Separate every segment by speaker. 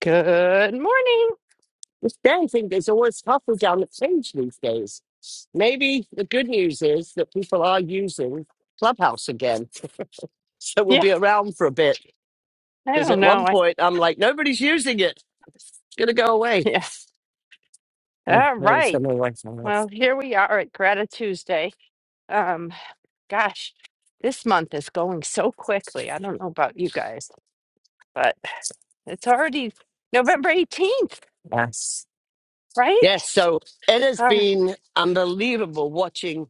Speaker 1: Good morning.
Speaker 2: The scary thing is always halfway down the page these days. Maybe the good news is that people are using Clubhouse again. So we'll
Speaker 1: Yeah,
Speaker 2: be around for a bit.
Speaker 1: I
Speaker 2: Because
Speaker 1: don't
Speaker 2: at one
Speaker 1: know. I,
Speaker 2: point, I'm like, nobody's using it. It's going to go away.
Speaker 1: yes.
Speaker 2: Yeah,
Speaker 1: All
Speaker 2: well,
Speaker 1: right.
Speaker 2: someone went somewhere like that
Speaker 1: Well, here we are at Grata Tuesday. Um, gosh, this month is going so quickly. I don't know about you guys, but it's already November 18th,
Speaker 2: else. Yes.
Speaker 1: right?
Speaker 2: Yes. So it has
Speaker 1: Uh,
Speaker 2: been unbelievable watching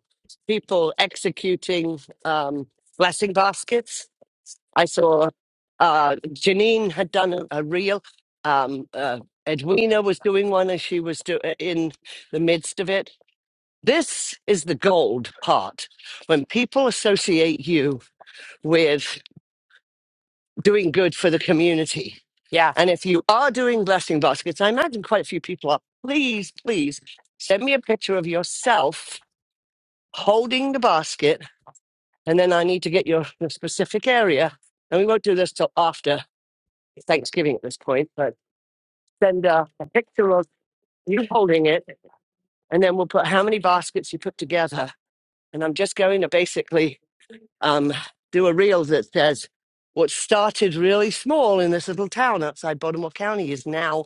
Speaker 2: people executing um, blessing baskets I saw uh, Janine had done a, a reel. Um, uh, Edwina was doing one as she was do- in the midst of it. This is the gold part when people associate you with doing good for the community.
Speaker 1: yeah,
Speaker 2: And if you are doing blessing baskets, I imagine quite a few people are. Please, please send me a picture of yourself holding the basket. And then I need to get your, your specific area. And we won't do this till after Thanksgiving at this point, but send a, a picture of you holding it, and then we'll put how many baskets you put together. And I'm just going to basically um, do a reel that says what started really small in this little town outside Baltimore County is now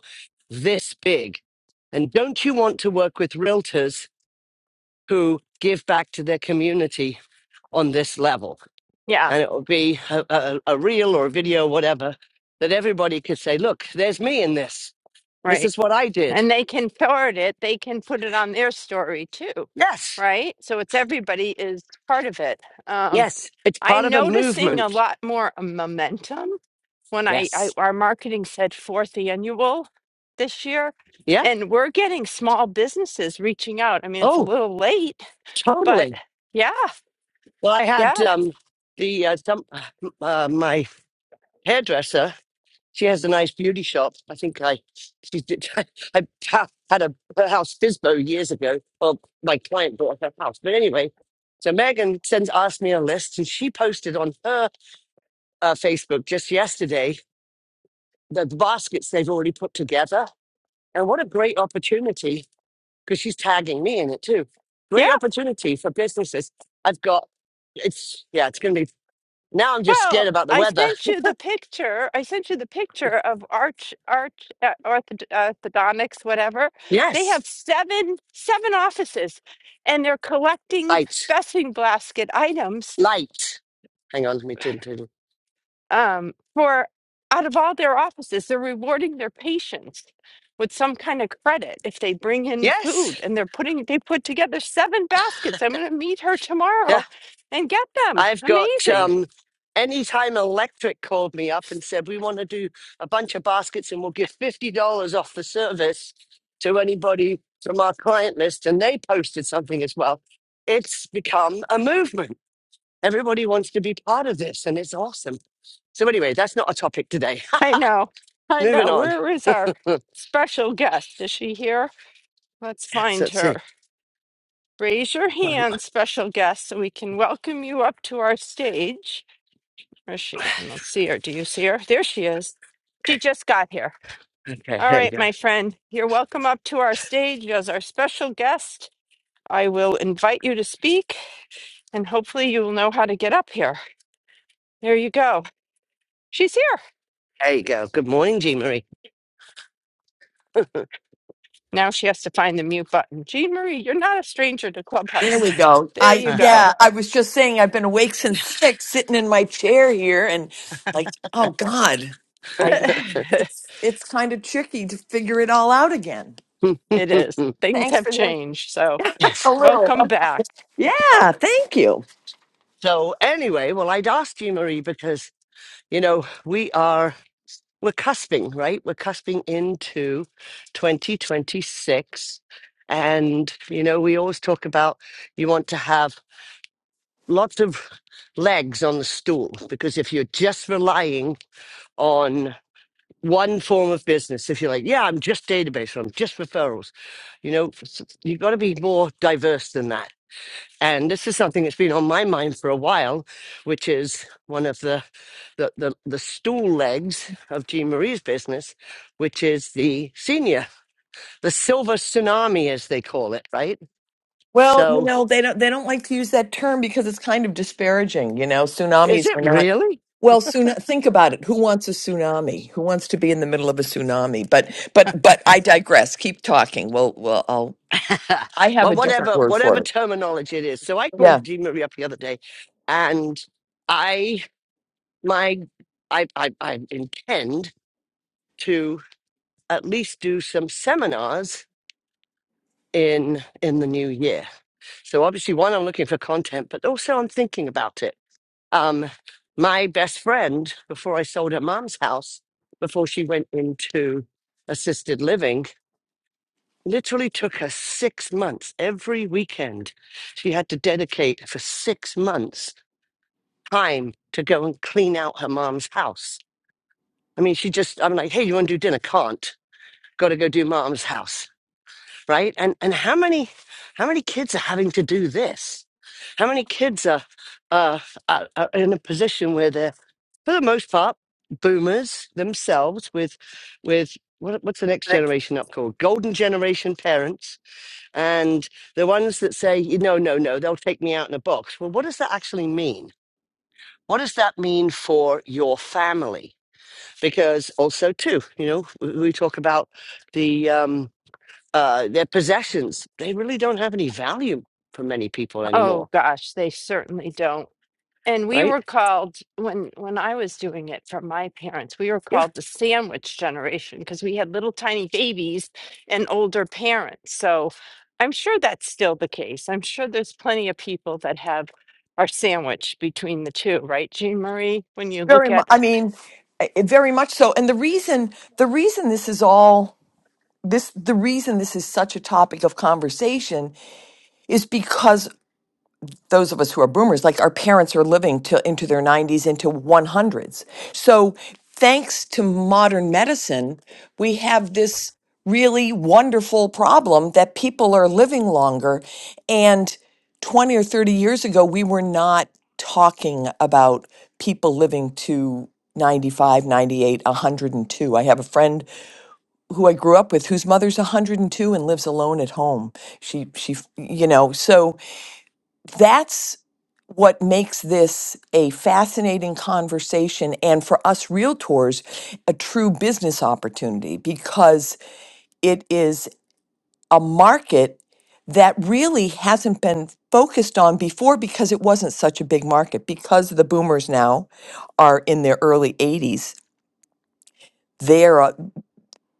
Speaker 2: this big. And don't you want to work with realtors who give back to their community on this level?
Speaker 1: yeah,
Speaker 2: And it will be a, a, a reel or a video, whatever, that everybody could say, look, there's me in this. This
Speaker 1: right.
Speaker 2: is what I did.
Speaker 1: And they can forward it, they can put it on their story too,
Speaker 2: Yes,
Speaker 1: right? So it's everybody is part of it. Um,
Speaker 2: Yes, it's part
Speaker 1: I'm
Speaker 2: of a
Speaker 1: noticing a
Speaker 2: movement.
Speaker 1: lot more momentum when I, I
Speaker 2: Yes.
Speaker 1: our marketing said fourth annual this year,
Speaker 2: Yeah.
Speaker 1: and we're getting small businesses reaching out. I mean, it's a
Speaker 2: Oh,
Speaker 1: little late, but
Speaker 2: totally.
Speaker 1: yeah,
Speaker 2: Well, I had
Speaker 1: yeah,
Speaker 2: um, the uh, some uh, my hairdresser. She has a nice beauty shop. I think I she did, I ha- had a her house Fisbo years ago. Well, my client bought her house, but anyway. So Megan sends asked me a list, and she posted on her uh, Facebook just yesterday the baskets they've already put together. And what a great opportunity because she's tagging me in it too.
Speaker 1: yeah.
Speaker 2: Great opportunity for businesses. I've got it's yeah, it's gonna be now I'm just
Speaker 1: Well,
Speaker 2: scared about the
Speaker 1: I
Speaker 2: weather.
Speaker 1: sent you the picture. I sent you the picture of Arch Arch uh, ortho, Orthodontics, whatever. They
Speaker 2: Yes.
Speaker 1: have seven seven offices, and they're collecting
Speaker 2: Light.
Speaker 1: vesting basket items
Speaker 2: Light. Hang on, let me turn turn.
Speaker 1: um, for out of all their offices, they're rewarding their patients with some kind of credit if they bring in food
Speaker 2: Yes.
Speaker 1: and they're putting they put together seven baskets. I'm gonna meet her
Speaker 2: Yeah.
Speaker 1: tomorrow and get them.
Speaker 2: I've got
Speaker 1: Amazing.
Speaker 2: um anytime electric called me up and said we want to do a bunch of baskets and we'll give fifty dollars off the service to anybody from our client list and they posted something as well. It's become a movement. Everybody wants to be part of this and it's awesome. So anyway, that's not a topic today.
Speaker 1: I know. I
Speaker 2: Moving
Speaker 1: know.
Speaker 2: on.
Speaker 1: Where is our special guest? Is she here? Let's
Speaker 2: So
Speaker 1: find
Speaker 2: let's see.
Speaker 1: her. Raise your
Speaker 2: Um,
Speaker 1: hand, special guest, so we can welcome you up to our stage. Where is she? I don't see her. Do you see her? There she is. She just got here.
Speaker 2: okay,
Speaker 1: All
Speaker 2: here you
Speaker 1: right,
Speaker 2: go.
Speaker 1: my friend, you're welcome up to our stage as our special guest. I will invite you to speak and hopefully you will know how to get up here. There you go. She's here.
Speaker 2: There you go. Good morning, Jean Marie.
Speaker 1: Now she has to find the mute button. Jean Marie, you're not a stranger to
Speaker 3: There
Speaker 1: Clubhouse.
Speaker 3: we go.
Speaker 1: There
Speaker 3: I
Speaker 1: you
Speaker 2: Uh,
Speaker 1: go.
Speaker 3: yeah, I was just saying I've been awake since six, sitting in my chair here, and like, oh God, I
Speaker 1: it
Speaker 3: it's it's kind of tricky to figure it all out again.
Speaker 1: is. Things have changed. So
Speaker 2: yes.
Speaker 1: welcome back.
Speaker 3: Yeah, thank you.
Speaker 2: So anyway, well, I'd asked Jean Marie, because you know we are we're cusping, right? We're cusping into 2026, and you know we always talk about you want to have lots of legs on the stool because if you're just relying on one form of business. If you're like, yeah, I'm just database, or I'm just referrals, you know, f- s- you've got to be more diverse than that. And this is something that's been on my mind for a while, which is one of the the the, the stool legs of Jean Marie's business, which is the senior, the silver tsunami, as they call it, right?
Speaker 3: Well, you
Speaker 2: So
Speaker 3: know they don't they don't like to use that term because it's kind of disparaging. You know,
Speaker 2: is
Speaker 3: tsunamis
Speaker 2: it
Speaker 3: are not.
Speaker 2: really?
Speaker 3: Well, soon think about it. Who wants a tsunami? Who wants to be in the middle of a tsunami? But but but I digress. Keep talking. Well, well, I'll I have
Speaker 2: well,
Speaker 3: a different
Speaker 2: whatever
Speaker 3: word for
Speaker 2: whatever
Speaker 3: it.
Speaker 2: terminology it is. So I called
Speaker 3: Yeah.
Speaker 2: Jean Marie up the other day, and. I. my I, I I intend to at least do some seminars in in the new year. So obviously one I'm looking for content, but also I'm thinking about it. Um my best friend before I sold her mom's house, before she went into assisted living, literally took her 6 months every weekend. She had to dedicate for 6 months time to go and clean out her mom's house. I mean, she just I'm like, "Hey, you want to do dinner?" Can't. got to go do mom's house, right? And and how many how many kids are having to do this? How many kids are uh, are, are in a position where they're, for the most part, boomers themselves with with what, what's the next generation up called? Golden generation parents and the ones that say, you know, no, no, they'll take me out in a box. Well, what does that actually mean? What does that mean for your family? Because also too, you know, we we talk about the um, uh, their possessions, they really don't have any value for many people
Speaker 1: Oh
Speaker 2: anymore,
Speaker 1: gosh, they certainly don't. and we
Speaker 2: right?
Speaker 1: were called when when I was doing it from my parents, we were
Speaker 2: Yeah.
Speaker 1: called the sandwich generation because we had little tiny babies and older parents. So I'm sure that's still the case. I'm sure there's plenty of people that have are sandwiched between the two, right, Jean Marie? When you look
Speaker 3: Very
Speaker 1: at
Speaker 3: much. I mean, eh, eh, very much so. And the reason, the reason this is all this, the reason this is such a topic of conversation is because those of us who are boomers, like our parents are living till into their 90s, into 100s. So, thanks to modern medicine, we have this really wonderful problem that people are living longer. And 20 or 30 years ago, we were not talking about people living to ninety five, ninety eight, 98, 102. I have a friend who I grew up with whose mother's 102 and lives alone at home. She, she, you know, so that's what makes this a fascinating conversation and for us realtors a true business opportunity because it is a market that really hasn't been focused on before because it wasn't such a big market because the boomers now are in their early 80s they're uh,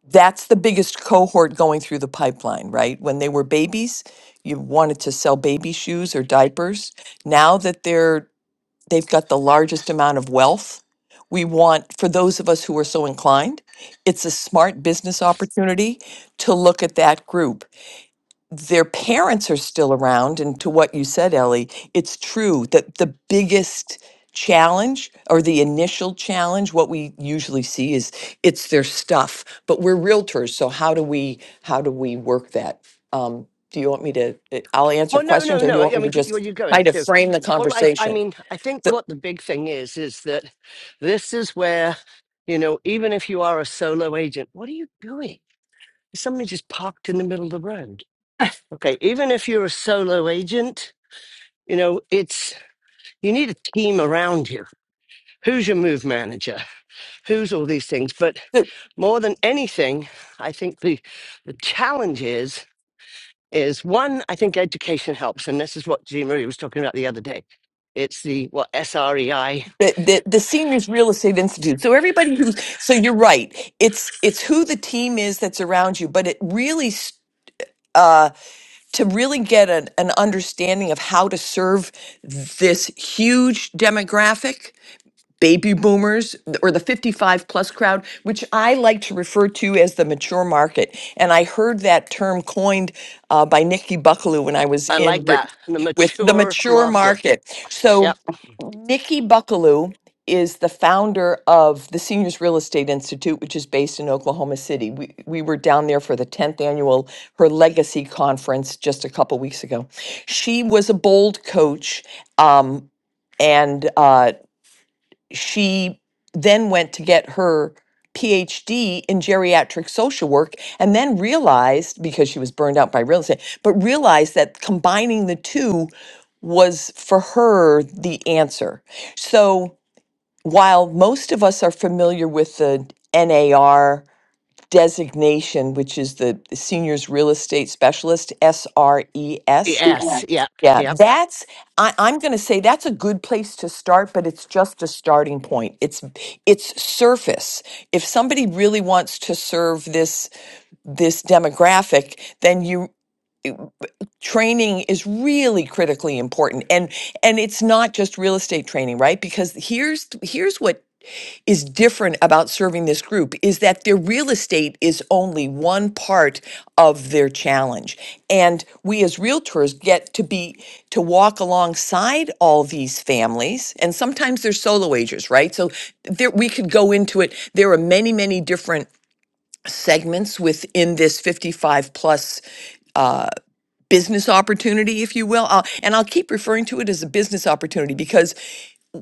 Speaker 3: that's the biggest cohort going through the pipeline right when they were babies you wanted to sell baby shoes or diapers now that they're they've got the largest amount of wealth. We want, for those of us who are so inclined, it's a smart business opportunity to look at that group. Their parents are still around. And to what you said, Ellie, it's true that the biggest challenge or the initial challenge, what we usually see is it's their stuff. But we're realtors, so how do we how do we work that? Um, do you want me to? eh, I'll answer
Speaker 2: Well, no,
Speaker 3: questions,
Speaker 2: no,
Speaker 3: or do
Speaker 2: no.
Speaker 3: you want
Speaker 2: I
Speaker 3: me to
Speaker 2: mean, keep- where are
Speaker 3: just
Speaker 2: you
Speaker 3: try
Speaker 2: going
Speaker 3: to
Speaker 2: to?
Speaker 3: frame the
Speaker 2: Well, I, I
Speaker 3: conversation?
Speaker 2: mean, I think
Speaker 3: The,
Speaker 2: what the big thing is is that this is where, you know, even if you are a solo agent, what are you doing? Somebody just parked in the middle of the road. Okay, even if you're a solo agent, you know, it's you need a team around you. Who's your move manager? Who's all these things? But more than anything, I think the the challenge is is one. I think education helps, and this is what Jean Marie was talking about the other day. It's the what S R E I. I
Speaker 3: the, the, the seniors real estate institute so everybody who's so you're right it's it's who the team is that's around you but it really s- uh, to really get an, an understanding of how to serve this huge demographic baby boomers or the 55 plus crowd, which I like to refer to as the mature market. And I heard that term coined uh, by Nikki Buckaloo when I was in
Speaker 2: like
Speaker 3: with
Speaker 2: that. And the
Speaker 3: with the
Speaker 2: mature
Speaker 3: mature
Speaker 2: market.
Speaker 3: market. So,
Speaker 2: Yep.
Speaker 3: Nikki Buckaloo is the founder of the Seniors Real Estate Institute, which is based in Oklahoma City. We, we were down there for the 10th annual Her Legacy Conference just a couple weeks ago. She was a bold coach. Um, and uh, she then went to get her PhD in geriatric social work and then realized because she was burned out by real estate, but realized that combining the two was for her the answer. So while most of us are familiar with the NAR designation, which is the Seniors Real Estate Specialist, SRES,
Speaker 2: Yes. Yep.
Speaker 3: yeah,
Speaker 2: Yep.
Speaker 3: that's I, I'm going to say that's a good place to start, but it's just a starting point. It's it's surface. If somebody really wants to serve this this demographic, then you training is really critically important. And and it's not just real estate training, right? Because here's here's what is different about serving this group is that their real estate is only one part of their challenge. And we as realtors get to be to walk alongside all these families. And sometimes they're solo agers, right? So there we could go into it. There are many, many different segments within this 55 plus uh, business opportunity, if you will. I'll, and I'll keep referring to it as a business opportunity because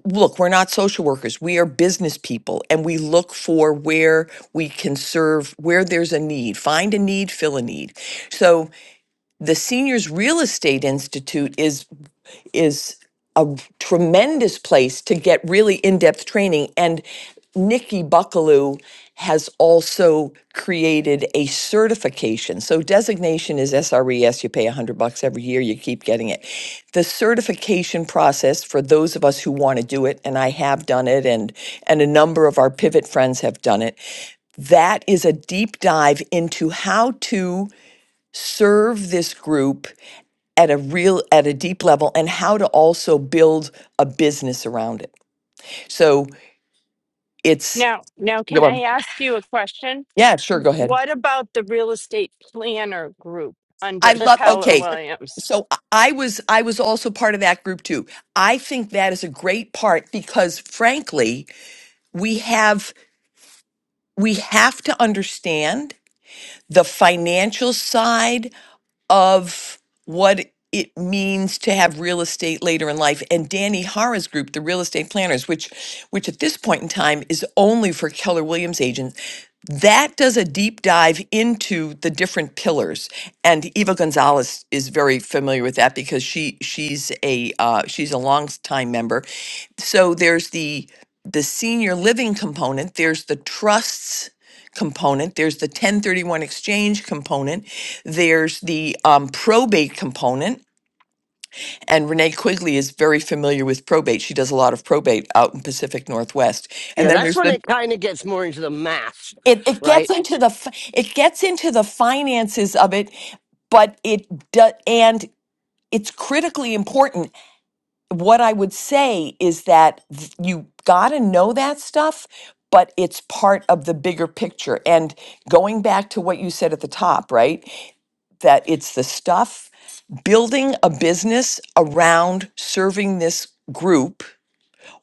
Speaker 3: look, we're not social workers. We are business people and we look for where we can serve, where there's a need, find a need, fill a need. So the Seniors Real Estate Institute is is a tremendous place to get really in-depth training and Nikki Buckaloo has also created a certification. So designation is SRES. You pay 100 bucks every year. You keep getting it. The certification process for those of us who want to do it, and I have done it, and and a number of our pivot friends have done it. That is a deep dive into how to serve this group at a real at a deep level and how to also build a business around it so it's
Speaker 1: now, now can
Speaker 3: Go
Speaker 1: I
Speaker 3: on.
Speaker 1: ask you a question?
Speaker 3: yeah sure
Speaker 1: W-
Speaker 3: go ahead
Speaker 1: What about the real estate planner group
Speaker 3: i
Speaker 1: under
Speaker 3: love
Speaker 1: Keller
Speaker 3: okay
Speaker 1: Williams?
Speaker 3: so i I was i was also part of that group too i think that is a great part because frankly we have we have to understand the financial side of what it means to have real estate later in life and Danny Hara's group the real estate planners which which at this point in time is only for Keller Williams agents that does a deep dive into the different pillars and Eva Gonzalez is very familiar with that because she she's a uh, she's a long time member so there's the the senior living component there's the trusts component, there's the 1031 exchange component, there's the um, probate component. And Renee Quigley is very familiar with probate. She does a lot of probate out in Pacific Northwest. And
Speaker 2: Yeah.
Speaker 3: then
Speaker 2: That's
Speaker 3: there's
Speaker 2: when
Speaker 3: the
Speaker 2: it kind of gets more into the math,
Speaker 3: it, it gets
Speaker 2: right?
Speaker 3: into the fi- it gets into the finances of it, but it do, and it's critically important. What I would say is that th- you got to know that stuff, but it's part of the bigger picture. And going back to what you said at the top, right? that it's the stuff building a business around serving this group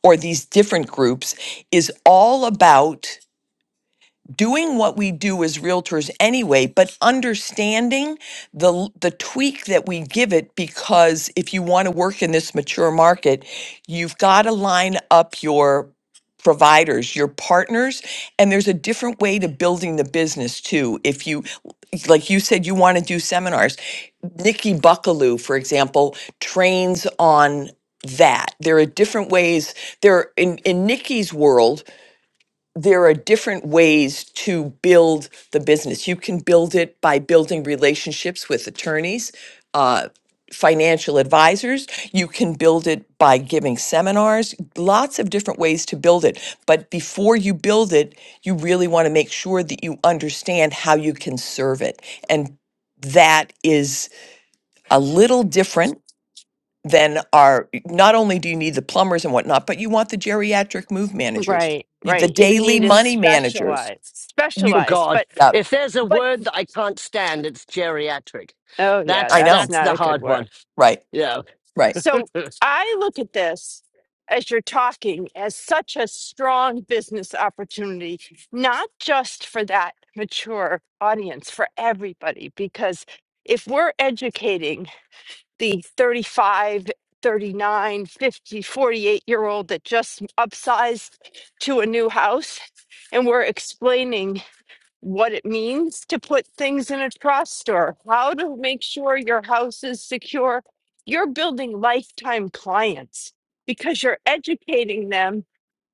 Speaker 3: or these different groups is all about doing what we do as realtors anyway, but understanding the the tweak that we give it because if you want to work in this mature market, you've got to line up your providers, your partners, and there's a different way to building the business too. If you like you said you want to do seminars, Nikki Buckaloo, for example, trains on that. There are different ways. There in in Nikki's world, there are different ways to build the business. You can build it by building relationships with attorneys, uh, financial advisors. You can build it by giving seminars, lots of different ways to build it. But before you build it, you really want to make sure that you understand how you can serve it. And that is a little different then are not only do you need the plumbers and whatnot, but you want the geriatric move managers,
Speaker 1: Right,
Speaker 3: you, the
Speaker 1: right. You
Speaker 3: daily
Speaker 1: need to
Speaker 3: money managers.
Speaker 1: specialize,
Speaker 3: You,
Speaker 2: Oh
Speaker 1: specialized. But
Speaker 2: God!
Speaker 3: yeah,
Speaker 2: If there's a
Speaker 1: But
Speaker 2: word that I can't stand, it's geriatric.
Speaker 1: oh, yeah,
Speaker 2: That's
Speaker 3: I
Speaker 1: that's
Speaker 3: know,
Speaker 2: that's
Speaker 1: not
Speaker 2: the
Speaker 1: a good
Speaker 2: hard
Speaker 1: word.
Speaker 2: one.
Speaker 3: right,
Speaker 2: Yeah.
Speaker 3: right,
Speaker 1: So I look at this as you're talking as such a strong business opportunity, not just for that mature audience, for everybody. Because if we're educating the thirty-five, thirty-nine, fifty, forty-eight year old that just upsized to a new house, and we're explaining what it means to put things in a trust or how to make sure your house is secure. You're building lifetime clients because you're educating them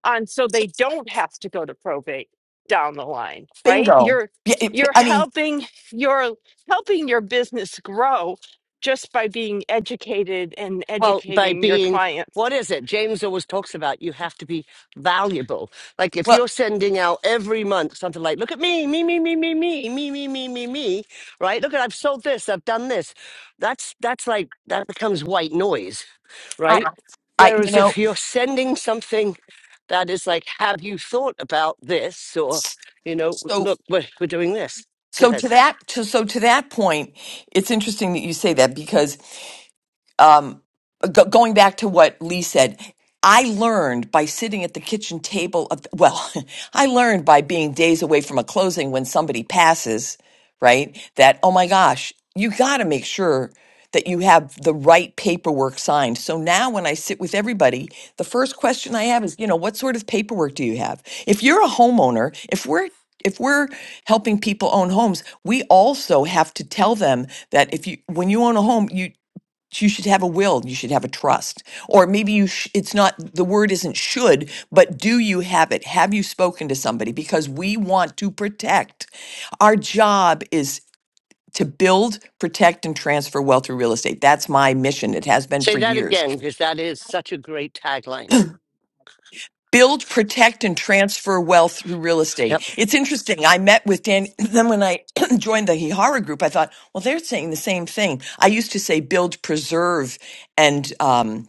Speaker 1: on so they don't have to go to probate down the line, right?
Speaker 3: bingo.
Speaker 1: You're
Speaker 3: Yeah, it,
Speaker 1: you're
Speaker 3: I mean,
Speaker 1: helping you're helping your business grow just by being educated and
Speaker 2: Well, by
Speaker 1: educating your
Speaker 2: being,
Speaker 1: clients.
Speaker 2: what is it? James always talks about you
Speaker 1: Yes.
Speaker 2: have to be valuable. Like if
Speaker 3: well,
Speaker 2: you're sending out every month something like, look at me, me, me, me, me, me, me, me, me, me, me, right? Look at I've sold this, I've done this. That's that's like that becomes white noise.
Speaker 3: I,
Speaker 2: right?
Speaker 3: I, you
Speaker 2: Whereas
Speaker 3: know,
Speaker 2: if you're sending something that is like, have you thought about this? Or, you know,
Speaker 3: so
Speaker 2: look, we're, we're doing this. Go
Speaker 3: so
Speaker 2: ahead.
Speaker 3: to that, to, so to that point, it's interesting that you say that because um, go going back to what Lee said, I learned by sitting at the kitchen table of, well, I learned by being days away from a closing when somebody passes, right? That, oh my gosh, you got to make sure that you have the right paperwork signed. So now when I sit with everybody, the first question I have is, you know, what sort of paperwork do you have? If you're a homeowner, if we're if we're helping people own homes, we also have to tell them that if you when you own a home, you you should have a will you should have a trust or maybe you sh- it's not the word isn't should but do you have it have you spoken to somebody because we want to protect our job is to build protect and transfer wealth through real estate that's my mission it has been
Speaker 2: Say
Speaker 3: for
Speaker 2: that
Speaker 3: years
Speaker 2: again, because that is such a great tagline.
Speaker 3: build protect and transfer wealth through real estate
Speaker 2: Yep.
Speaker 3: it's interesting i met with dan then when i joined the hihara group i thought well they're saying the same thing i used to say build preserve and um,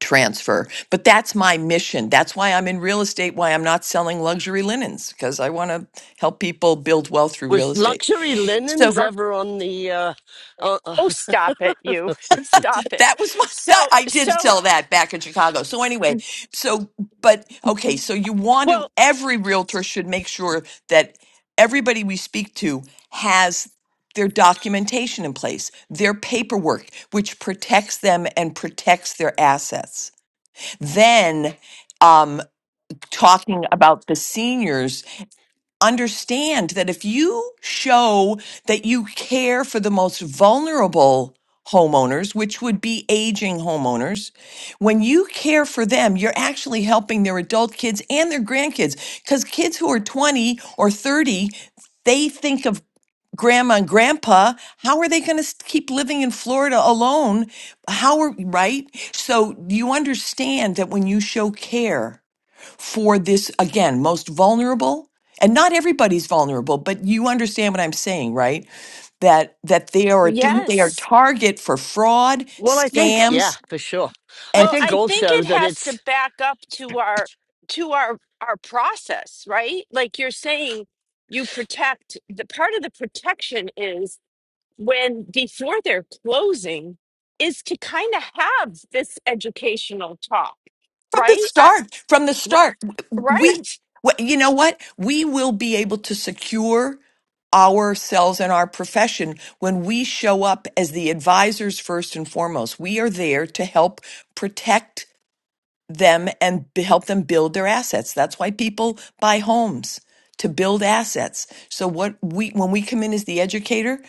Speaker 3: transfer. But that's my mission. That's why I'm in real estate, why I'm not selling luxury linens, because I want to help people build wealth through real
Speaker 2: Was
Speaker 3: estate.
Speaker 2: luxury
Speaker 3: So
Speaker 2: linens
Speaker 3: Sure.
Speaker 2: ever on the, uh, uh, uh,
Speaker 1: Oh, stop it, you. Stop it.
Speaker 3: that was my,
Speaker 1: So,
Speaker 3: that, I did
Speaker 1: so,
Speaker 3: sell that back in Chicago. So anyway, so, but okay, so you want to,
Speaker 1: well,
Speaker 3: every realtor should make sure that everybody we speak to has their documentation in place, their paperwork, which protects them and protects their assets. Then, um, talking about the seniors, understand that if you show that you care for the most vulnerable homeowners, which would be aging homeowners, when you care for them, you're actually helping their adult kids and their grandkids. Because kids who are 20 or 30, they think of grandma and grandpa how are they going to keep living in florida alone how are right so you understand that when you show care for this again most vulnerable and not everybody's vulnerable but you understand what i'm saying right that that they are a t- Mhm. they are
Speaker 1: yes.
Speaker 3: target for fraud
Speaker 2: well, I think, yeah,
Speaker 3: scams
Speaker 2: for sure. I
Speaker 3: and
Speaker 1: Well,
Speaker 2: think
Speaker 1: I think
Speaker 2: also
Speaker 1: it
Speaker 2: that
Speaker 1: has to
Speaker 2: it's,
Speaker 1: back up to our to our our process, right? Like you're saying you protect the part of the protection is when before they're closing is to kind of have this educational talk
Speaker 3: from the
Speaker 1: right I,
Speaker 3: start from the
Speaker 1: r-
Speaker 3: start w-
Speaker 1: right
Speaker 3: we wh- you know what we will be able to secure ourselves and our profession when we show up as the advisors first and foremost we are there to help protect them and b- help them build their assets. That's why people buy homes to build assets. So what we when we come in as the educator,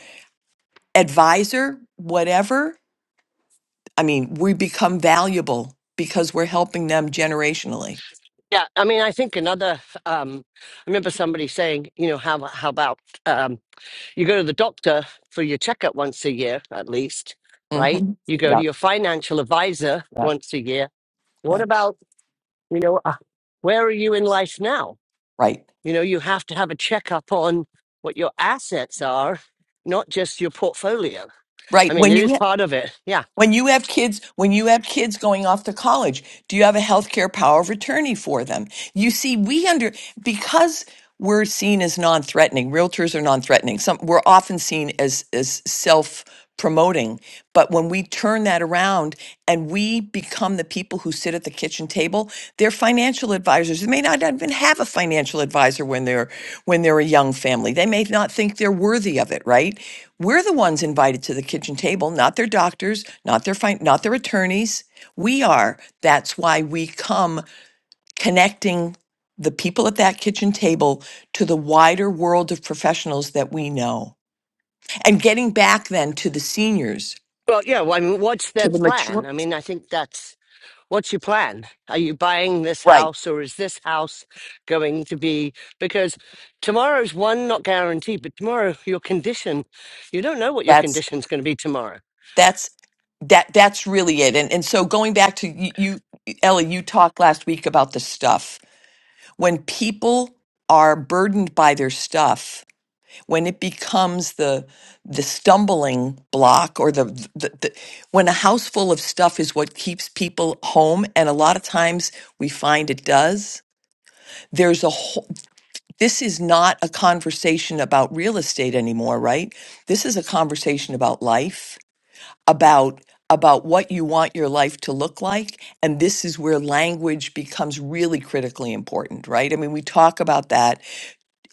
Speaker 3: advisor, whatever, I mean, we become valuable because we're helping them generationally.
Speaker 2: yeah, I mean, I think another, um, I remember somebody saying, you know, how, how about, um, You go to the doctor for your checkup once a year, at least, right?
Speaker 3: hmm
Speaker 2: You go to
Speaker 3: Yeah,
Speaker 2: your financial advisor
Speaker 3: yeah,
Speaker 2: once a year. What
Speaker 3: yeah.
Speaker 2: about, you know, uh, where are you in life now?
Speaker 3: Right,
Speaker 2: You know, you have to have a checkup on what your assets are, not just your portfolio. I
Speaker 3: right.
Speaker 2: mean,
Speaker 3: When
Speaker 2: it is
Speaker 3: you
Speaker 2: part of it. Yeah.
Speaker 3: When you have kids, when you have kids going off to college, do you have a healthcare power of attorney for them? You see, we under because we're seen as non-threatening. Realtors are non-threatening. Some we're often seen as as self promoting but when we turn that around and we become the people who sit at the kitchen table they're financial advisors they may not even have a financial advisor when they're when they're a young family they may not think they're worthy of it right we're the ones invited to the kitchen table not their doctors not their fin- not their attorneys we are that's why we come connecting the people at that kitchen table to the wider world of professionals that we know and getting back then to the seniors
Speaker 2: Well, yeah. Well, I mean, what's
Speaker 3: to
Speaker 2: their
Speaker 3: the mature
Speaker 2: plan? I mean, I think that's What's your plan? Are you buying this
Speaker 3: right
Speaker 2: house or is this house going to be? Because tomorrow's one, not guaranteed, but tomorrow, your condition, you don't know what your
Speaker 3: that's
Speaker 2: condition's going to be tomorrow.
Speaker 3: that's that that's really it and and so going back to you, you Ellie you talked last week about the stuff when people are burdened by their stuff when it becomes the the stumbling block or the, the, the when a house full of stuff is what keeps people home and a lot of times we find it does there's a whole, this is not a conversation about real estate anymore right this is a conversation about life about about what you want your life to look like and this is where language becomes really critically important right i mean we talk about that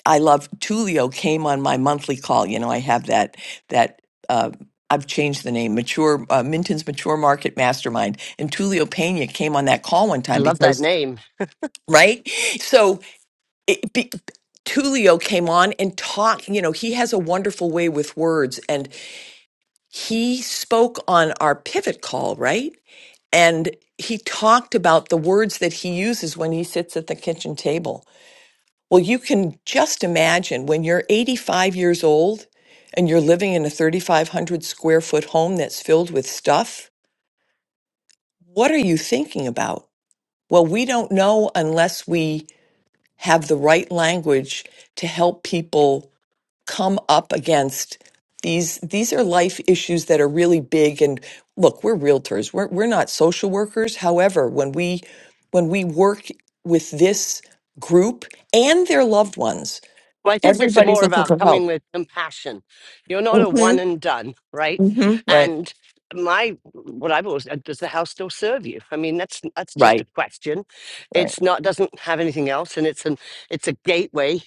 Speaker 3: I love Tulio came on my monthly call. You know, I have that that uh, I've changed the name, mature uh, Minton's Mature Market Mastermind, and Tulio Pena came on that call one
Speaker 2: I
Speaker 3: time
Speaker 2: love that
Speaker 3: because
Speaker 2: name.
Speaker 3: right. So it, be, Tulio came on and talked. You know, he has a wonderful way with words, and he spoke on our pivot call, right? And he talked about the words that he uses when he sits at the kitchen table well, you can just imagine when you're 85 years old and you're living in a 3,500 square foot home that's filled with stuff. What are you thinking about? Well, we don't know unless we have the right language to help people come up against these these are life issues that are really big and look we're realtors we're, we're not social workers however when we when we work with this group and their loved ones
Speaker 2: Well, I think it's
Speaker 3: Everybody's
Speaker 2: more
Speaker 3: looking
Speaker 2: about
Speaker 3: for
Speaker 2: coming
Speaker 3: help.
Speaker 2: with compassion. You're not a
Speaker 3: hmm
Speaker 2: one and done, right?
Speaker 3: hmm Right,
Speaker 2: And my, what I've always, uh, does the house still serve you? I mean, that's, that's just
Speaker 3: Right.
Speaker 2: a question.
Speaker 3: right,
Speaker 2: It's not, doesn't have anything else. And it's an, it's a gateway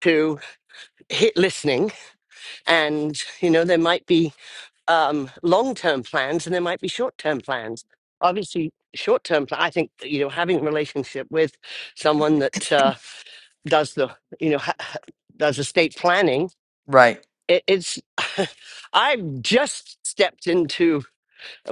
Speaker 2: to hit listening and you know there might be um, long-term plans and there might be short-term plans obviously short-term pl- i think you know having a relationship with someone that uh, does the you know ha- ha- does estate planning
Speaker 3: right, Right.
Speaker 2: it, it's i've just stepped into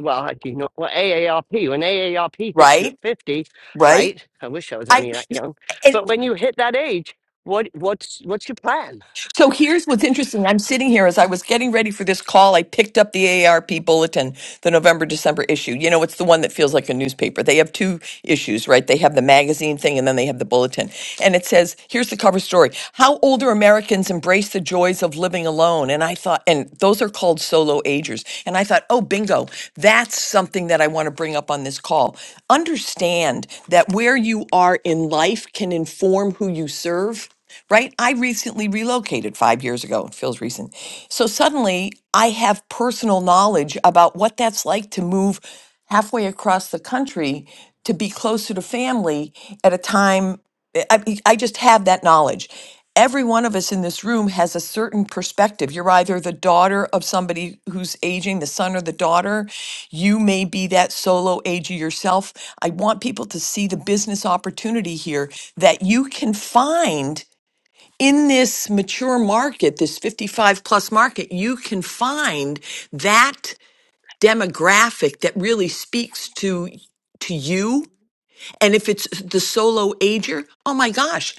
Speaker 2: well I do not well aarp when aarp hits you at 50
Speaker 3: Right.
Speaker 2: right i wish i was
Speaker 3: I
Speaker 2: only that young
Speaker 3: and
Speaker 2: but when you hit that age what what's what's your plan
Speaker 3: so here's what's interesting. I'm sitting here as I was getting ready for this call. I picked up the AARP bulletin, the November December issue. You know, it's the one that feels like a newspaper. They have two issues, right? They have the magazine thing, and then they have the bulletin. and it says, here's the cover story How Older Americans Embrace the Joys of Living Alone. And I thought, and those are called solo agers. And I thought, oh, bingo, that's something that I want to bring up on this call. Understand that where you are in life can inform who you serve. Right? I recently relocated five years ago. It feels recent. So suddenly I have personal knowledge about what that's like to move halfway across the country to be closer to family at a time I, I I just have that knowledge. Every one of us in this room has a certain perspective. You're either the daughter of somebody who's aging, the son or the daughter. You may be that solo ager yourself. I want people to see the business opportunity here that you can find in this mature market, this 55 plus market. You can find that demographic that really speaks to to you. And if it's the solo ager, oh my gosh,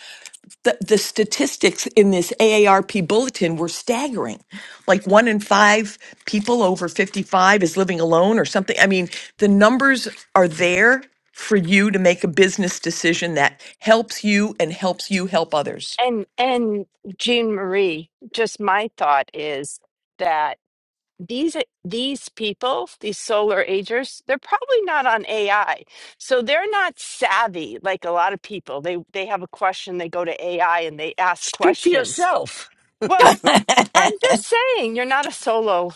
Speaker 3: the, the statistics in this AARP bulletin were staggering. Like one in five people over 55 is living alone or something. I mean, the numbers are there for you to make a business decision that helps you and helps you help others.
Speaker 1: and and jean marie just my thought is that these these people these solar agers they're probably not on ai so they're not savvy like a lot of people they they have a question they go to ai and they ask
Speaker 2: Speak for
Speaker 1: questions
Speaker 2: yourself.
Speaker 1: well i'm just saying you're not a solo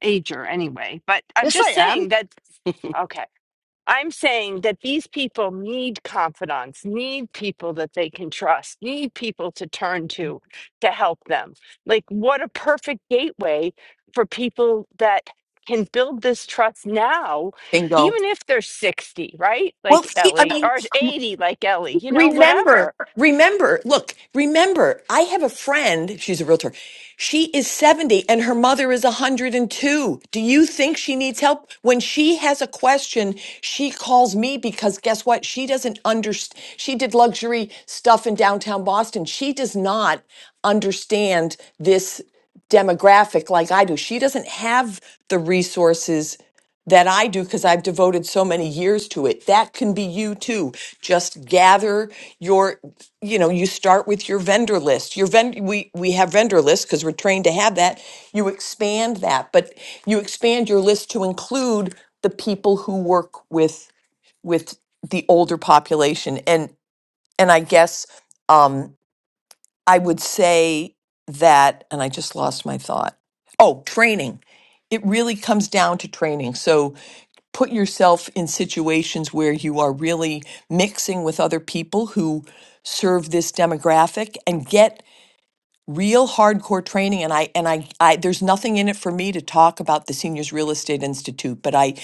Speaker 1: ager anyway but i'm
Speaker 2: Yes,
Speaker 1: just
Speaker 2: I am.
Speaker 1: saying that Okay. I'm saying that these people need confidants, need people that they can trust, need people to turn to to help them. Like, what a perfect gateway for people that can build this trust now,
Speaker 3: Bingo.
Speaker 1: even if they're 60, right?
Speaker 3: Well,
Speaker 1: Like
Speaker 3: see, I
Speaker 1: Ellie,
Speaker 3: mean,
Speaker 1: or 80, like Ellie, you know,
Speaker 3: Remember,
Speaker 1: whatever
Speaker 3: remember, look, remember, I have a friend, she's a realtor. She is 70 and her mother is 102. Do you think she needs help? When she has a question, she calls me because guess what? She doesn't understand. She did luxury stuff in downtown Boston. She does not understand this demographic like I do. She doesn't have the resources that I do because I've devoted so many years to it. That can be you too. Just gather your, you know, you start with your vendor list. Your vendor, we, we have vendor lists because we're trained to have that. You expand that, but you expand your list to include the people who work with, with the older population. And, and I guess, um, I would say that, and I just lost my thought. Oh, training. It really comes down to training. So put yourself in situations where you are really mixing with other people who serve this demographic and get real hardcore training and I and I, I there's nothing in it for me to talk about the Seniors Real Estate Institute, but I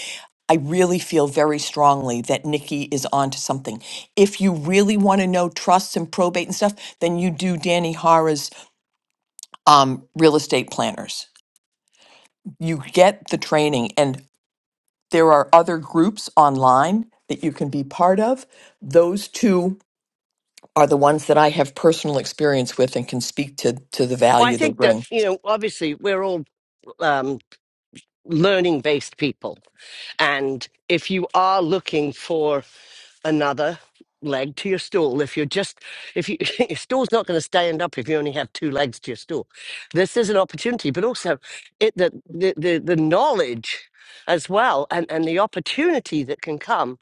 Speaker 3: I really feel very strongly that Nikki is onto something. If you really want to know trusts and probate and stuff, then you do Danny Hara's um, real estate planners. You get the training, and there are other groups online that you can be part of. Those two are the ones that I have personal experience with and can speak to to the
Speaker 2: Well, I
Speaker 3: value they
Speaker 2: think that,
Speaker 3: bring.
Speaker 2: you know, obviously we're all um, learning based people. And if you are looking for another leg to your stool, if you're just, if you, your stool's not going to stand up if you only have two legs to your stool, this is an opportunity, but also it, the, the, the, the knowledge as well and, and the opportunity that can come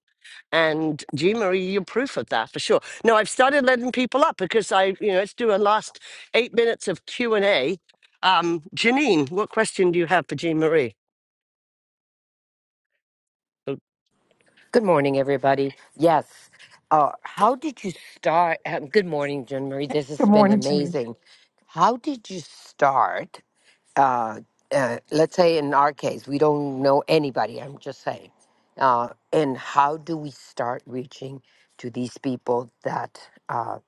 Speaker 2: And Jean Marie, you're proof of that for sure. No, I've started letting people up because I, you know, let's do a last eight minutes of Q and A. Um, Janine, what question do you have for Jean Marie? Who
Speaker 4: Good morning, everybody. Yes. Uh, how did you start? Um, good morning, Jean Marie. This has been amazing. How did you start? Uh, uh, let's say in our case, we don't know anybody, I'm just saying. Uh, and how do we start reaching to these people that uh,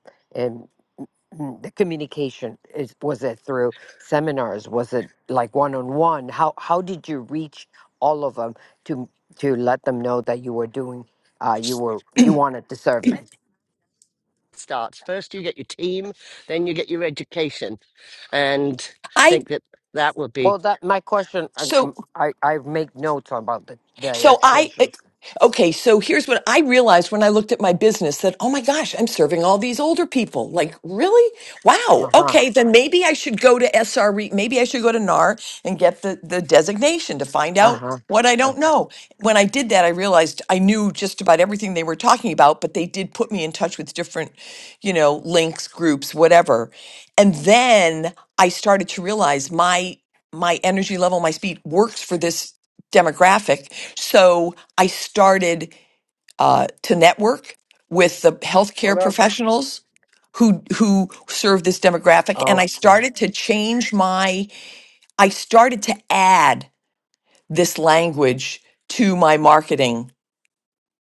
Speaker 4: mm, the communication is was it through seminars was it like one on one how how did you reach all of them to to let them know that you were doing uh you were you wanted to serve them
Speaker 2: starts first? You get your team, then you get your education, and I
Speaker 3: I
Speaker 2: think that that would be
Speaker 4: well that my question i m-
Speaker 3: so
Speaker 4: i, I make notes about the the
Speaker 3: So I,
Speaker 4: education
Speaker 3: okay, so here's what I realized when I looked at my business that, oh my gosh, I'm serving all these older people. Like, really? Wow.
Speaker 4: uh-huh
Speaker 3: Okay, then maybe I should go to SRE, maybe I should go to NAR and get the, the designation to find out
Speaker 4: uh-huh
Speaker 3: what I
Speaker 4: uh,
Speaker 3: don't know. When I did that, I realized I knew just about everything they were talking about, but they did put me in touch with different, you know, links, groups, whatever. And then I started to realize my my energy level, my speed works for this demographic. So I started uh, to network with the
Speaker 4: What
Speaker 3: healthcare
Speaker 4: else?
Speaker 3: professionals who who serve this demographic, and I
Speaker 4: okay
Speaker 3: started to change my. I started to add this language to my marketing,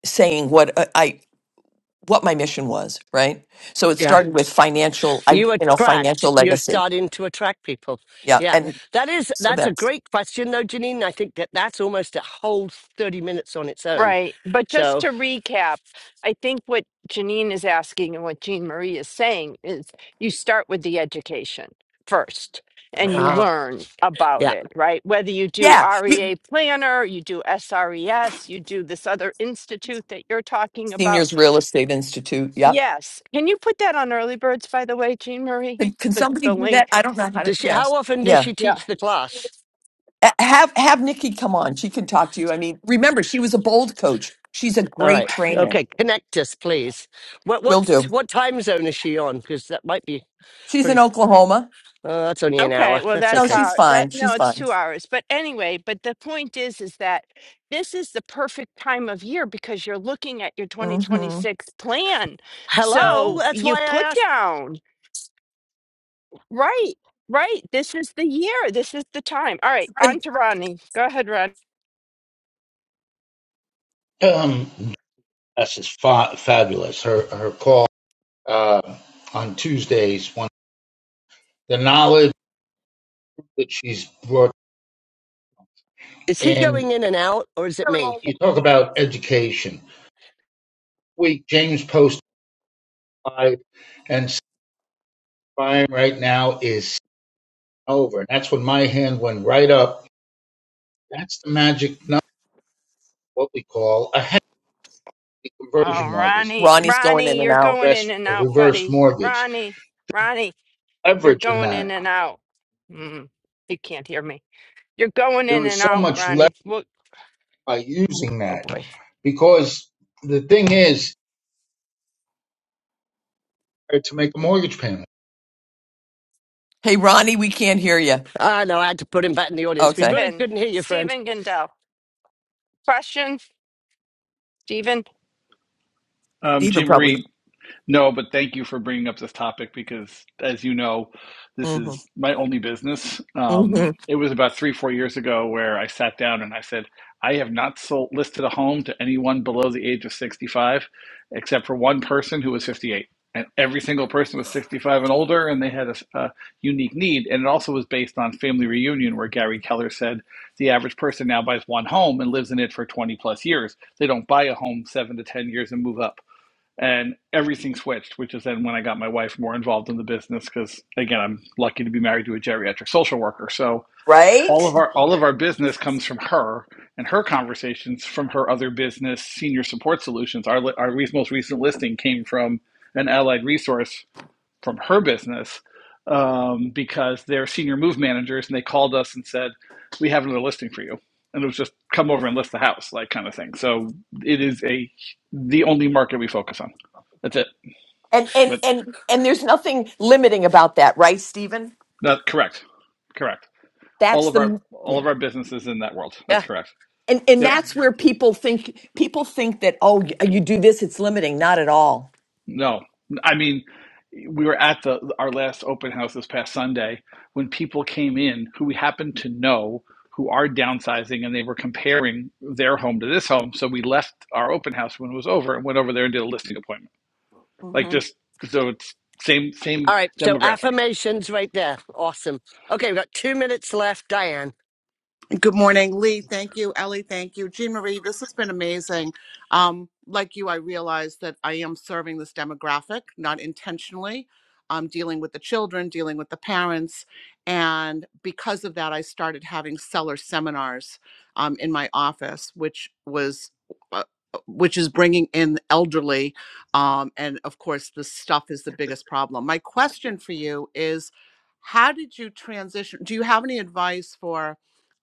Speaker 3: saying what uh, I what my mission was. Right. So it
Speaker 2: yeah.
Speaker 3: started with financial. I
Speaker 2: You
Speaker 3: you know
Speaker 2: attract.
Speaker 3: financial
Speaker 2: You're
Speaker 3: legacy.
Speaker 2: starting to attract people.
Speaker 3: Yeah,
Speaker 2: Yeah,
Speaker 3: and
Speaker 2: that is
Speaker 3: so
Speaker 2: that's a
Speaker 3: that's
Speaker 2: great question though, Janine. I think that that's almost a whole thirty minutes on its own.
Speaker 1: Right. But just
Speaker 2: So
Speaker 1: to recap, I think what Janine is asking and what Jean Marie is saying is you start with the education first and
Speaker 4: Uh
Speaker 1: you
Speaker 4: huh.
Speaker 1: learn about
Speaker 2: yeah.
Speaker 1: it, right? Whether you do
Speaker 3: yeah. you-
Speaker 1: REA Planner, you do SRES, you do this other institute that you're talking about.
Speaker 3: Seniors Real Estate Institute. Yep
Speaker 1: Yes. Can you put that on early birds, by the way, Jean Marie?
Speaker 3: Can, can
Speaker 1: The,
Speaker 3: somebody
Speaker 1: the
Speaker 3: do that?
Speaker 1: link?
Speaker 3: I don't know how to.
Speaker 2: Does she? How
Speaker 3: Yes.
Speaker 2: often does
Speaker 3: Yeah.
Speaker 2: she
Speaker 1: yeah.
Speaker 2: teach the class?
Speaker 3: A- Have have Nikki come on. She can talk to you. I mean, remember she was a bold coach. She's a
Speaker 2: All
Speaker 3: great
Speaker 2: right.
Speaker 3: trainer.
Speaker 2: Okay. Connect us, please. What
Speaker 3: Will
Speaker 2: what
Speaker 3: do.
Speaker 2: what time zone is she on? Because that might be
Speaker 3: She's in
Speaker 2: pretty.
Speaker 3: Oklahoma.
Speaker 2: Uh, that's only an
Speaker 1: Okay,
Speaker 2: hour.
Speaker 1: well
Speaker 2: That's
Speaker 1: that's
Speaker 3: No,
Speaker 2: okay.
Speaker 1: how
Speaker 3: she's
Speaker 1: that
Speaker 3: fine.
Speaker 1: no,
Speaker 3: She's
Speaker 1: it's
Speaker 3: fine.
Speaker 1: two hours. But anyway, but the point is is that this is the perfect time of year because you're looking at your
Speaker 3: hmm
Speaker 1: 2026 plan.
Speaker 2: Hello.
Speaker 1: So
Speaker 2: That's why
Speaker 1: you've
Speaker 2: I
Speaker 1: put
Speaker 2: asked.
Speaker 1: down, right, right. This is the year. This is the time. All right, on to Ronnie. Go ahead, Ron.
Speaker 5: Um, Jess is fa- fabulous. Her her call uh, on Tuesdays, one the knowledge that she's brought,
Speaker 2: Is he
Speaker 5: in.
Speaker 2: going in and out, or is it me?
Speaker 5: you talk about education. We James posted live, and Brian right now is over. And that's when my hand went right up. That's the magic number, what we call a happy
Speaker 1: Oh,
Speaker 5: conversion mortgage,
Speaker 1: Ronnie,
Speaker 3: Ronnie's going in
Speaker 1: Ronnie,
Speaker 3: and
Speaker 1: you're
Speaker 3: out.
Speaker 1: going in
Speaker 5: reverse,
Speaker 1: and
Speaker 5: a
Speaker 1: out,
Speaker 5: reverse
Speaker 1: buddy.
Speaker 5: mortgage,
Speaker 1: Ronnie, Ronnie, you're
Speaker 5: leverage in
Speaker 1: going in
Speaker 5: that.
Speaker 1: and out. Mm, you can't hear me. You're going
Speaker 5: There
Speaker 1: in
Speaker 5: is
Speaker 1: and
Speaker 5: so
Speaker 1: out,
Speaker 5: much leverage
Speaker 1: Ronnie. Look,
Speaker 5: by using
Speaker 1: oh
Speaker 5: that
Speaker 1: boy.
Speaker 5: because the thing is to make a mortgage payment.
Speaker 3: Hey, Ronnie, we can't hear you.
Speaker 2: Ah, no. I had to put him back in the audience. We
Speaker 3: Okay.
Speaker 2: really
Speaker 1: Stephen,
Speaker 2: couldn't hear you, friend.
Speaker 1: Stephen Gendel. Question, Stephen?
Speaker 6: Um,
Speaker 3: Stephen
Speaker 6: Jean
Speaker 3: probably.
Speaker 6: Marie, no, but thank you for bringing up this topic because, as you know, this
Speaker 3: hmm
Speaker 6: is my only business.
Speaker 3: hmm
Speaker 6: Um, it was about three, four years ago where I sat down and I said, I have not sold listed a home to anyone below the age of 65, except for one person who was 58. And every single person was 65 and older, and they had a a unique need. And it also was based on Family Reunion, where Gary Keller said the average person now buys one home and lives in it for 20 plus years. They don't buy a home seven to 10 years and move up and everything switched, which is then when I got my wife more involved in the business because again, I'm lucky to be married to a geriatric social worker. So all
Speaker 3: Right.
Speaker 6: of our all of our business comes from her and her conversations from her other business, Senior Support Solutions. Our our most recent listing came from an allied resource from her business um, because they're senior move managers and they called us and said we have another listing for you and it was just come over and list the house like kind of thing so it is a the only market we focus on that's it
Speaker 3: And and
Speaker 6: that,
Speaker 3: and and there's nothing limiting about that, right, Stephen?
Speaker 6: that correct correct all
Speaker 3: That's
Speaker 6: of our
Speaker 3: the
Speaker 6: all
Speaker 3: yeah.
Speaker 6: of our businesses in that world that's
Speaker 2: Yeah.
Speaker 6: correct
Speaker 3: and and
Speaker 6: yep
Speaker 3: that's where people think people think that oh you do this it's limiting not at all
Speaker 6: No, I mean, we were at the our last open house this past Sunday when people came in who we happened to know who are downsizing and they were comparing their home to this home. So we left our open house when it was over and went over there and did a listing appointment. Like
Speaker 3: hmm
Speaker 6: just so it's same
Speaker 2: All
Speaker 6: same
Speaker 2: right. So
Speaker 6: demographic.
Speaker 2: affirmations, right there. Awesome. Okay. We've got two minutes left. Diane.
Speaker 7: Good morning, Lee. Thank you, Ellie. Thank you, Jean Marie. This has been amazing. Um, like you, I realize that I am serving this demographic, not intentionally. I'm dealing with the children, dealing with the parents, and because of that, I started having seller seminars um, in my office, which was. Uh, which is bringing in elderly um, and of course the stuff is the biggest problem my question for you is how did you transition do you have any advice for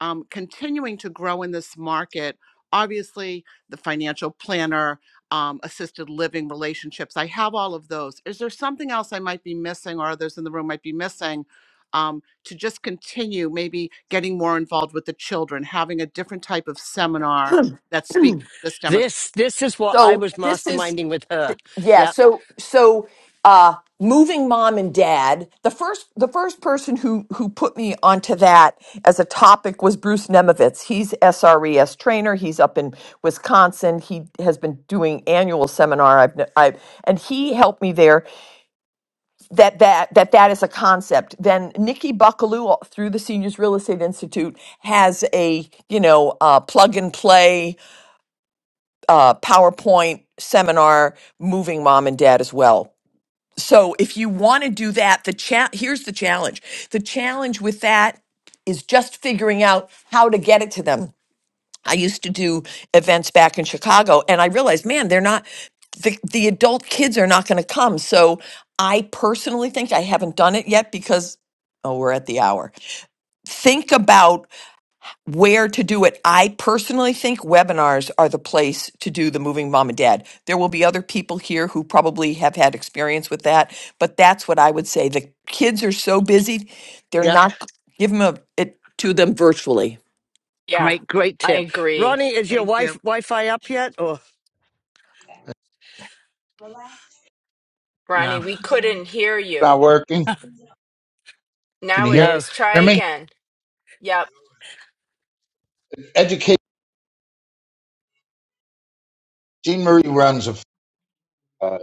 Speaker 7: um, continuing to grow in this market. Obviously, the financial planner, um, assisted living relationships. I have all of those. Is there something else I might be missing, or others in the room might be missing, um, to just continue maybe getting more involved with the children, having a different type of seminar that speaks to this demographic?
Speaker 2: This this is what I
Speaker 3: so
Speaker 2: was
Speaker 3: this is
Speaker 2: masterminding with her.
Speaker 3: yeah
Speaker 2: Yep,
Speaker 3: so so uh moving mom and dad the first the first person who who put me onto that as a topic was bruce nemovitz he's sres trainer he's up in wisconsin he has been doing annual seminar i've, i and he helped me there that that that that is a concept then nikki buckaloo through the seniors real estate institute has a you know uh, plug and play uh, powerpoint seminar moving mom and dad as well so if you want to do that the chat here's the challenge the challenge with that is just figuring out how to get it to them I used to do events back in Chicago and I realized, man, they're not the, the adult kids are not going to come. So I personally think I haven't done it yet because oh, we're at the hour. Think about where to do it. I personally think webinars are the place to do the moving mom and dad. There will be other people here who probably have had experience with that, but that's what I would say. The kids are so busy, they're
Speaker 2: yep.
Speaker 3: not give them a, it to them virtually.
Speaker 1: Yeah,
Speaker 2: Great, great
Speaker 1: I
Speaker 2: tip.
Speaker 1: agree.
Speaker 2: Ronnie, is your
Speaker 7: Thank
Speaker 2: wife
Speaker 7: you.
Speaker 2: Wi-Fi up yet? Or
Speaker 1: Ronnie,
Speaker 2: no,
Speaker 1: we couldn't hear you.
Speaker 5: Not working. Can
Speaker 1: Now
Speaker 5: you
Speaker 1: it
Speaker 5: hear
Speaker 2: no.
Speaker 1: is. Try
Speaker 5: hear me?
Speaker 1: again. Yep.
Speaker 5: Educate Jean Marie runs a uh,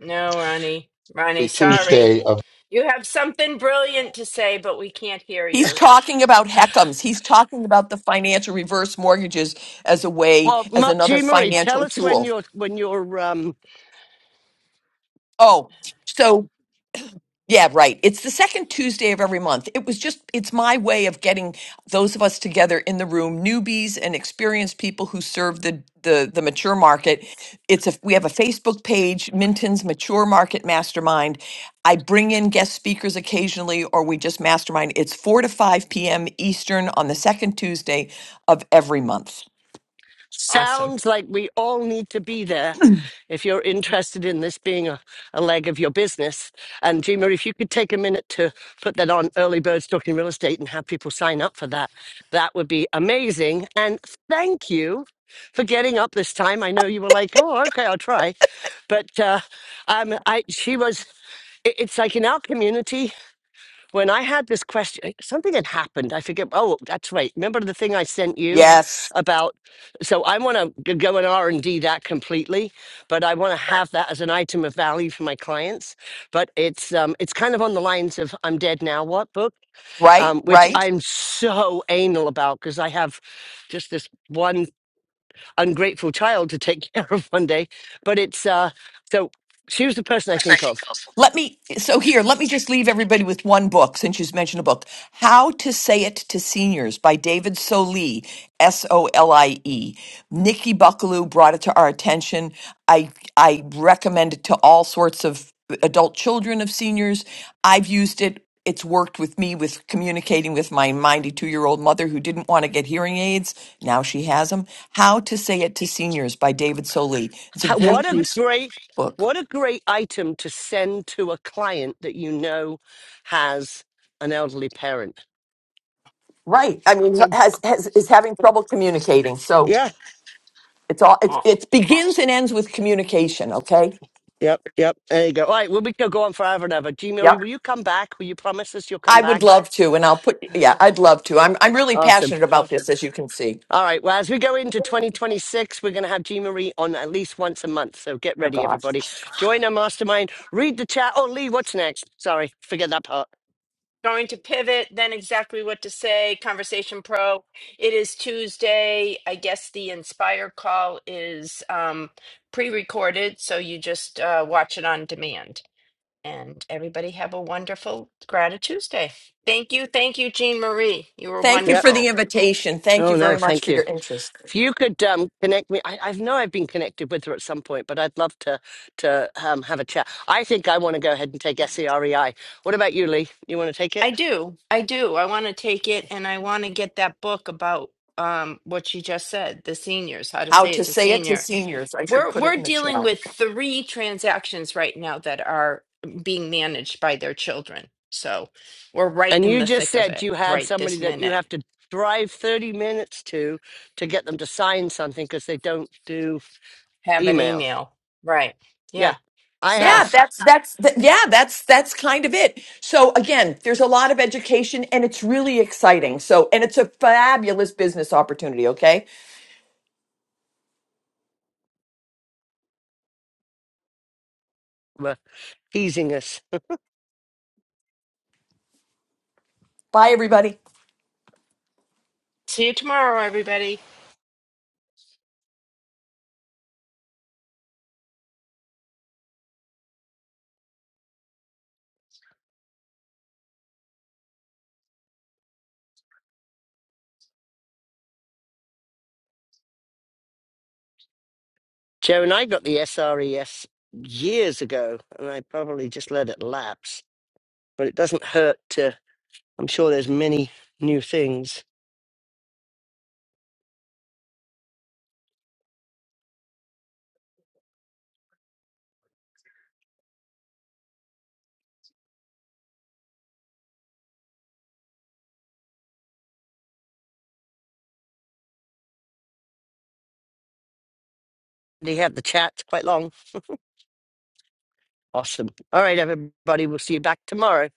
Speaker 1: No, Ronnie. Ronnie,
Speaker 5: every
Speaker 1: sorry.
Speaker 5: Tuesday a
Speaker 1: You have something brilliant to say, but we can't hear
Speaker 3: He's
Speaker 1: you.
Speaker 3: talking about Heckams. He's talking about the financial reverse mortgages as a way,
Speaker 2: Well,
Speaker 3: as
Speaker 2: Ma-
Speaker 3: another
Speaker 2: Jean Marie, tell
Speaker 3: financial
Speaker 2: us when
Speaker 3: tool.
Speaker 2: your when your um
Speaker 3: Oh, so Yeah, right. It's the second Tuesday of every month. It was just, it's my way of getting those of us together in the room, newbies and experienced people who serve the the, the mature market. It's a we have a Facebook page, Minton's Mature Market Mastermind. I bring in guest speakers occasionally, or we just mastermind. It's four to five p.m. Eastern on the second Tuesday of every month.
Speaker 1: Awesome.
Speaker 2: Sounds like we all need to be there if you're interested in this being a, a leg of your business. And Jima, if you could take a minute to put that on early birds talking real estate and have people sign up for that, that would be amazing. And thank you for getting up this time. I know you were like, oh, okay, I'll try. But uh, um, I, she was, it- it's like in our community, when I had this question, something had happened. I forget. Oh, that's right. Remember the thing I sent you
Speaker 3: Yes,
Speaker 2: about? So I want to go and R and D that completely, but I want to have that as an item of value for my clients. But it's um, it's kind of on the lines of "I'm dead now, what?" book,
Speaker 3: right,
Speaker 2: um, which
Speaker 3: right.
Speaker 2: I'm so anal about because I have just this one ungrateful child to take care of one day. But it's uh, so she was the person I think of
Speaker 3: Let me, so here, let me just leave everybody with one book since you have mentioned a book How to Say It to Seniors by David Solie, S O L I E. Nikki Buckaloo brought it to our attention. I, I recommend it to all sorts of adult children of seniors. I've used it. It's worked with me with communicating with my 92 year old mother who didn't want to get hearing aids. Now she has them. How to Say It to Seniors by David Solie. It's a
Speaker 2: Ha- What
Speaker 3: great
Speaker 2: a
Speaker 3: use
Speaker 2: great,
Speaker 3: book.
Speaker 2: what a great item to send to a client that you know has an elderly parent.
Speaker 3: Right. I mean,
Speaker 1: So,
Speaker 3: has, has is having trouble communicating. So
Speaker 2: Yeah.
Speaker 3: it's all it's
Speaker 1: oh,
Speaker 3: it begins and ends with communication. Okay.
Speaker 2: Yep. Yep. There you go. All right. Well, we could go on forever and ever. G. Murray,
Speaker 3: Yep.
Speaker 2: will you come back? Will you promise us you'll come
Speaker 3: I would
Speaker 2: back?
Speaker 3: love to, and I'll put. Yeah, I'd love to. I'm I'm really
Speaker 2: Awesome.
Speaker 3: passionate about this, as you can see.
Speaker 2: All right. Well, as we go into 2026, we're going to have G. Marie on at least once a month. So get
Speaker 3: Oh
Speaker 2: ready,
Speaker 3: gosh.
Speaker 2: everybody. Join our mastermind. Read the chat. Oh, Lee, what's next? Sorry. Forget that part.
Speaker 1: going to pivot, then exactly what to say. Conversation Pro. It is Tuesday. I guess the Inspire call is um, pre recorded, so you just uh, watch it on demand. And everybody have a wonderful Gratitude Tuesday. Thank you. Thank you, Jean Marie. You were
Speaker 3: Thank you
Speaker 2: Yep.
Speaker 3: for the
Speaker 1: wonderful.
Speaker 3: invitation. Thank you
Speaker 2: Oh, no.
Speaker 3: very much
Speaker 2: Thank
Speaker 3: for
Speaker 2: you.
Speaker 3: your interest.
Speaker 2: If you could um, connect me, I, I know I've been connected with her at some point, but I'd love to to um, have a chat. I think I want to go ahead and take SEREI. What about you, Lee? You want to take
Speaker 1: I
Speaker 2: it?
Speaker 1: do. I do. I want to take it and I want to get that book about um what she just said, the seniors, how to
Speaker 3: How
Speaker 1: say
Speaker 3: to
Speaker 1: it to
Speaker 3: say it to
Speaker 1: senior.
Speaker 3: seniors? I should
Speaker 1: We're
Speaker 3: put it
Speaker 1: we're
Speaker 3: in the
Speaker 1: dealing
Speaker 3: chat.
Speaker 1: with three transactions right now that are being managed by their children. So we're right
Speaker 2: And
Speaker 1: in
Speaker 2: you
Speaker 1: the
Speaker 2: just
Speaker 1: thick of
Speaker 2: said
Speaker 1: it
Speaker 2: you had
Speaker 1: right
Speaker 2: somebody
Speaker 1: this
Speaker 2: that you
Speaker 1: minute.
Speaker 2: have to drive 30 minutes to to get them to sign something because they don't do
Speaker 1: Have an
Speaker 2: emails.
Speaker 1: email. Right.
Speaker 2: Yeah,
Speaker 1: Yeah.
Speaker 2: I
Speaker 1: So
Speaker 3: Yeah,
Speaker 2: have.
Speaker 3: that's that's th- yeah, that's that's kind of it. So again, there's a lot of education, and it's really exciting. So, and it's a fabulous business opportunity. Okay.
Speaker 2: Well, teasing us.
Speaker 3: Bye, everybody.
Speaker 1: see you tomorrow, everybody.
Speaker 2: Joe and I got the SRES years ago, and I probably just let it lapse. But it doesn't hurt to, I'm sure there's many new things. They have the chat quite long. Awesome. All right, everybody, we'll see you back tomorrow.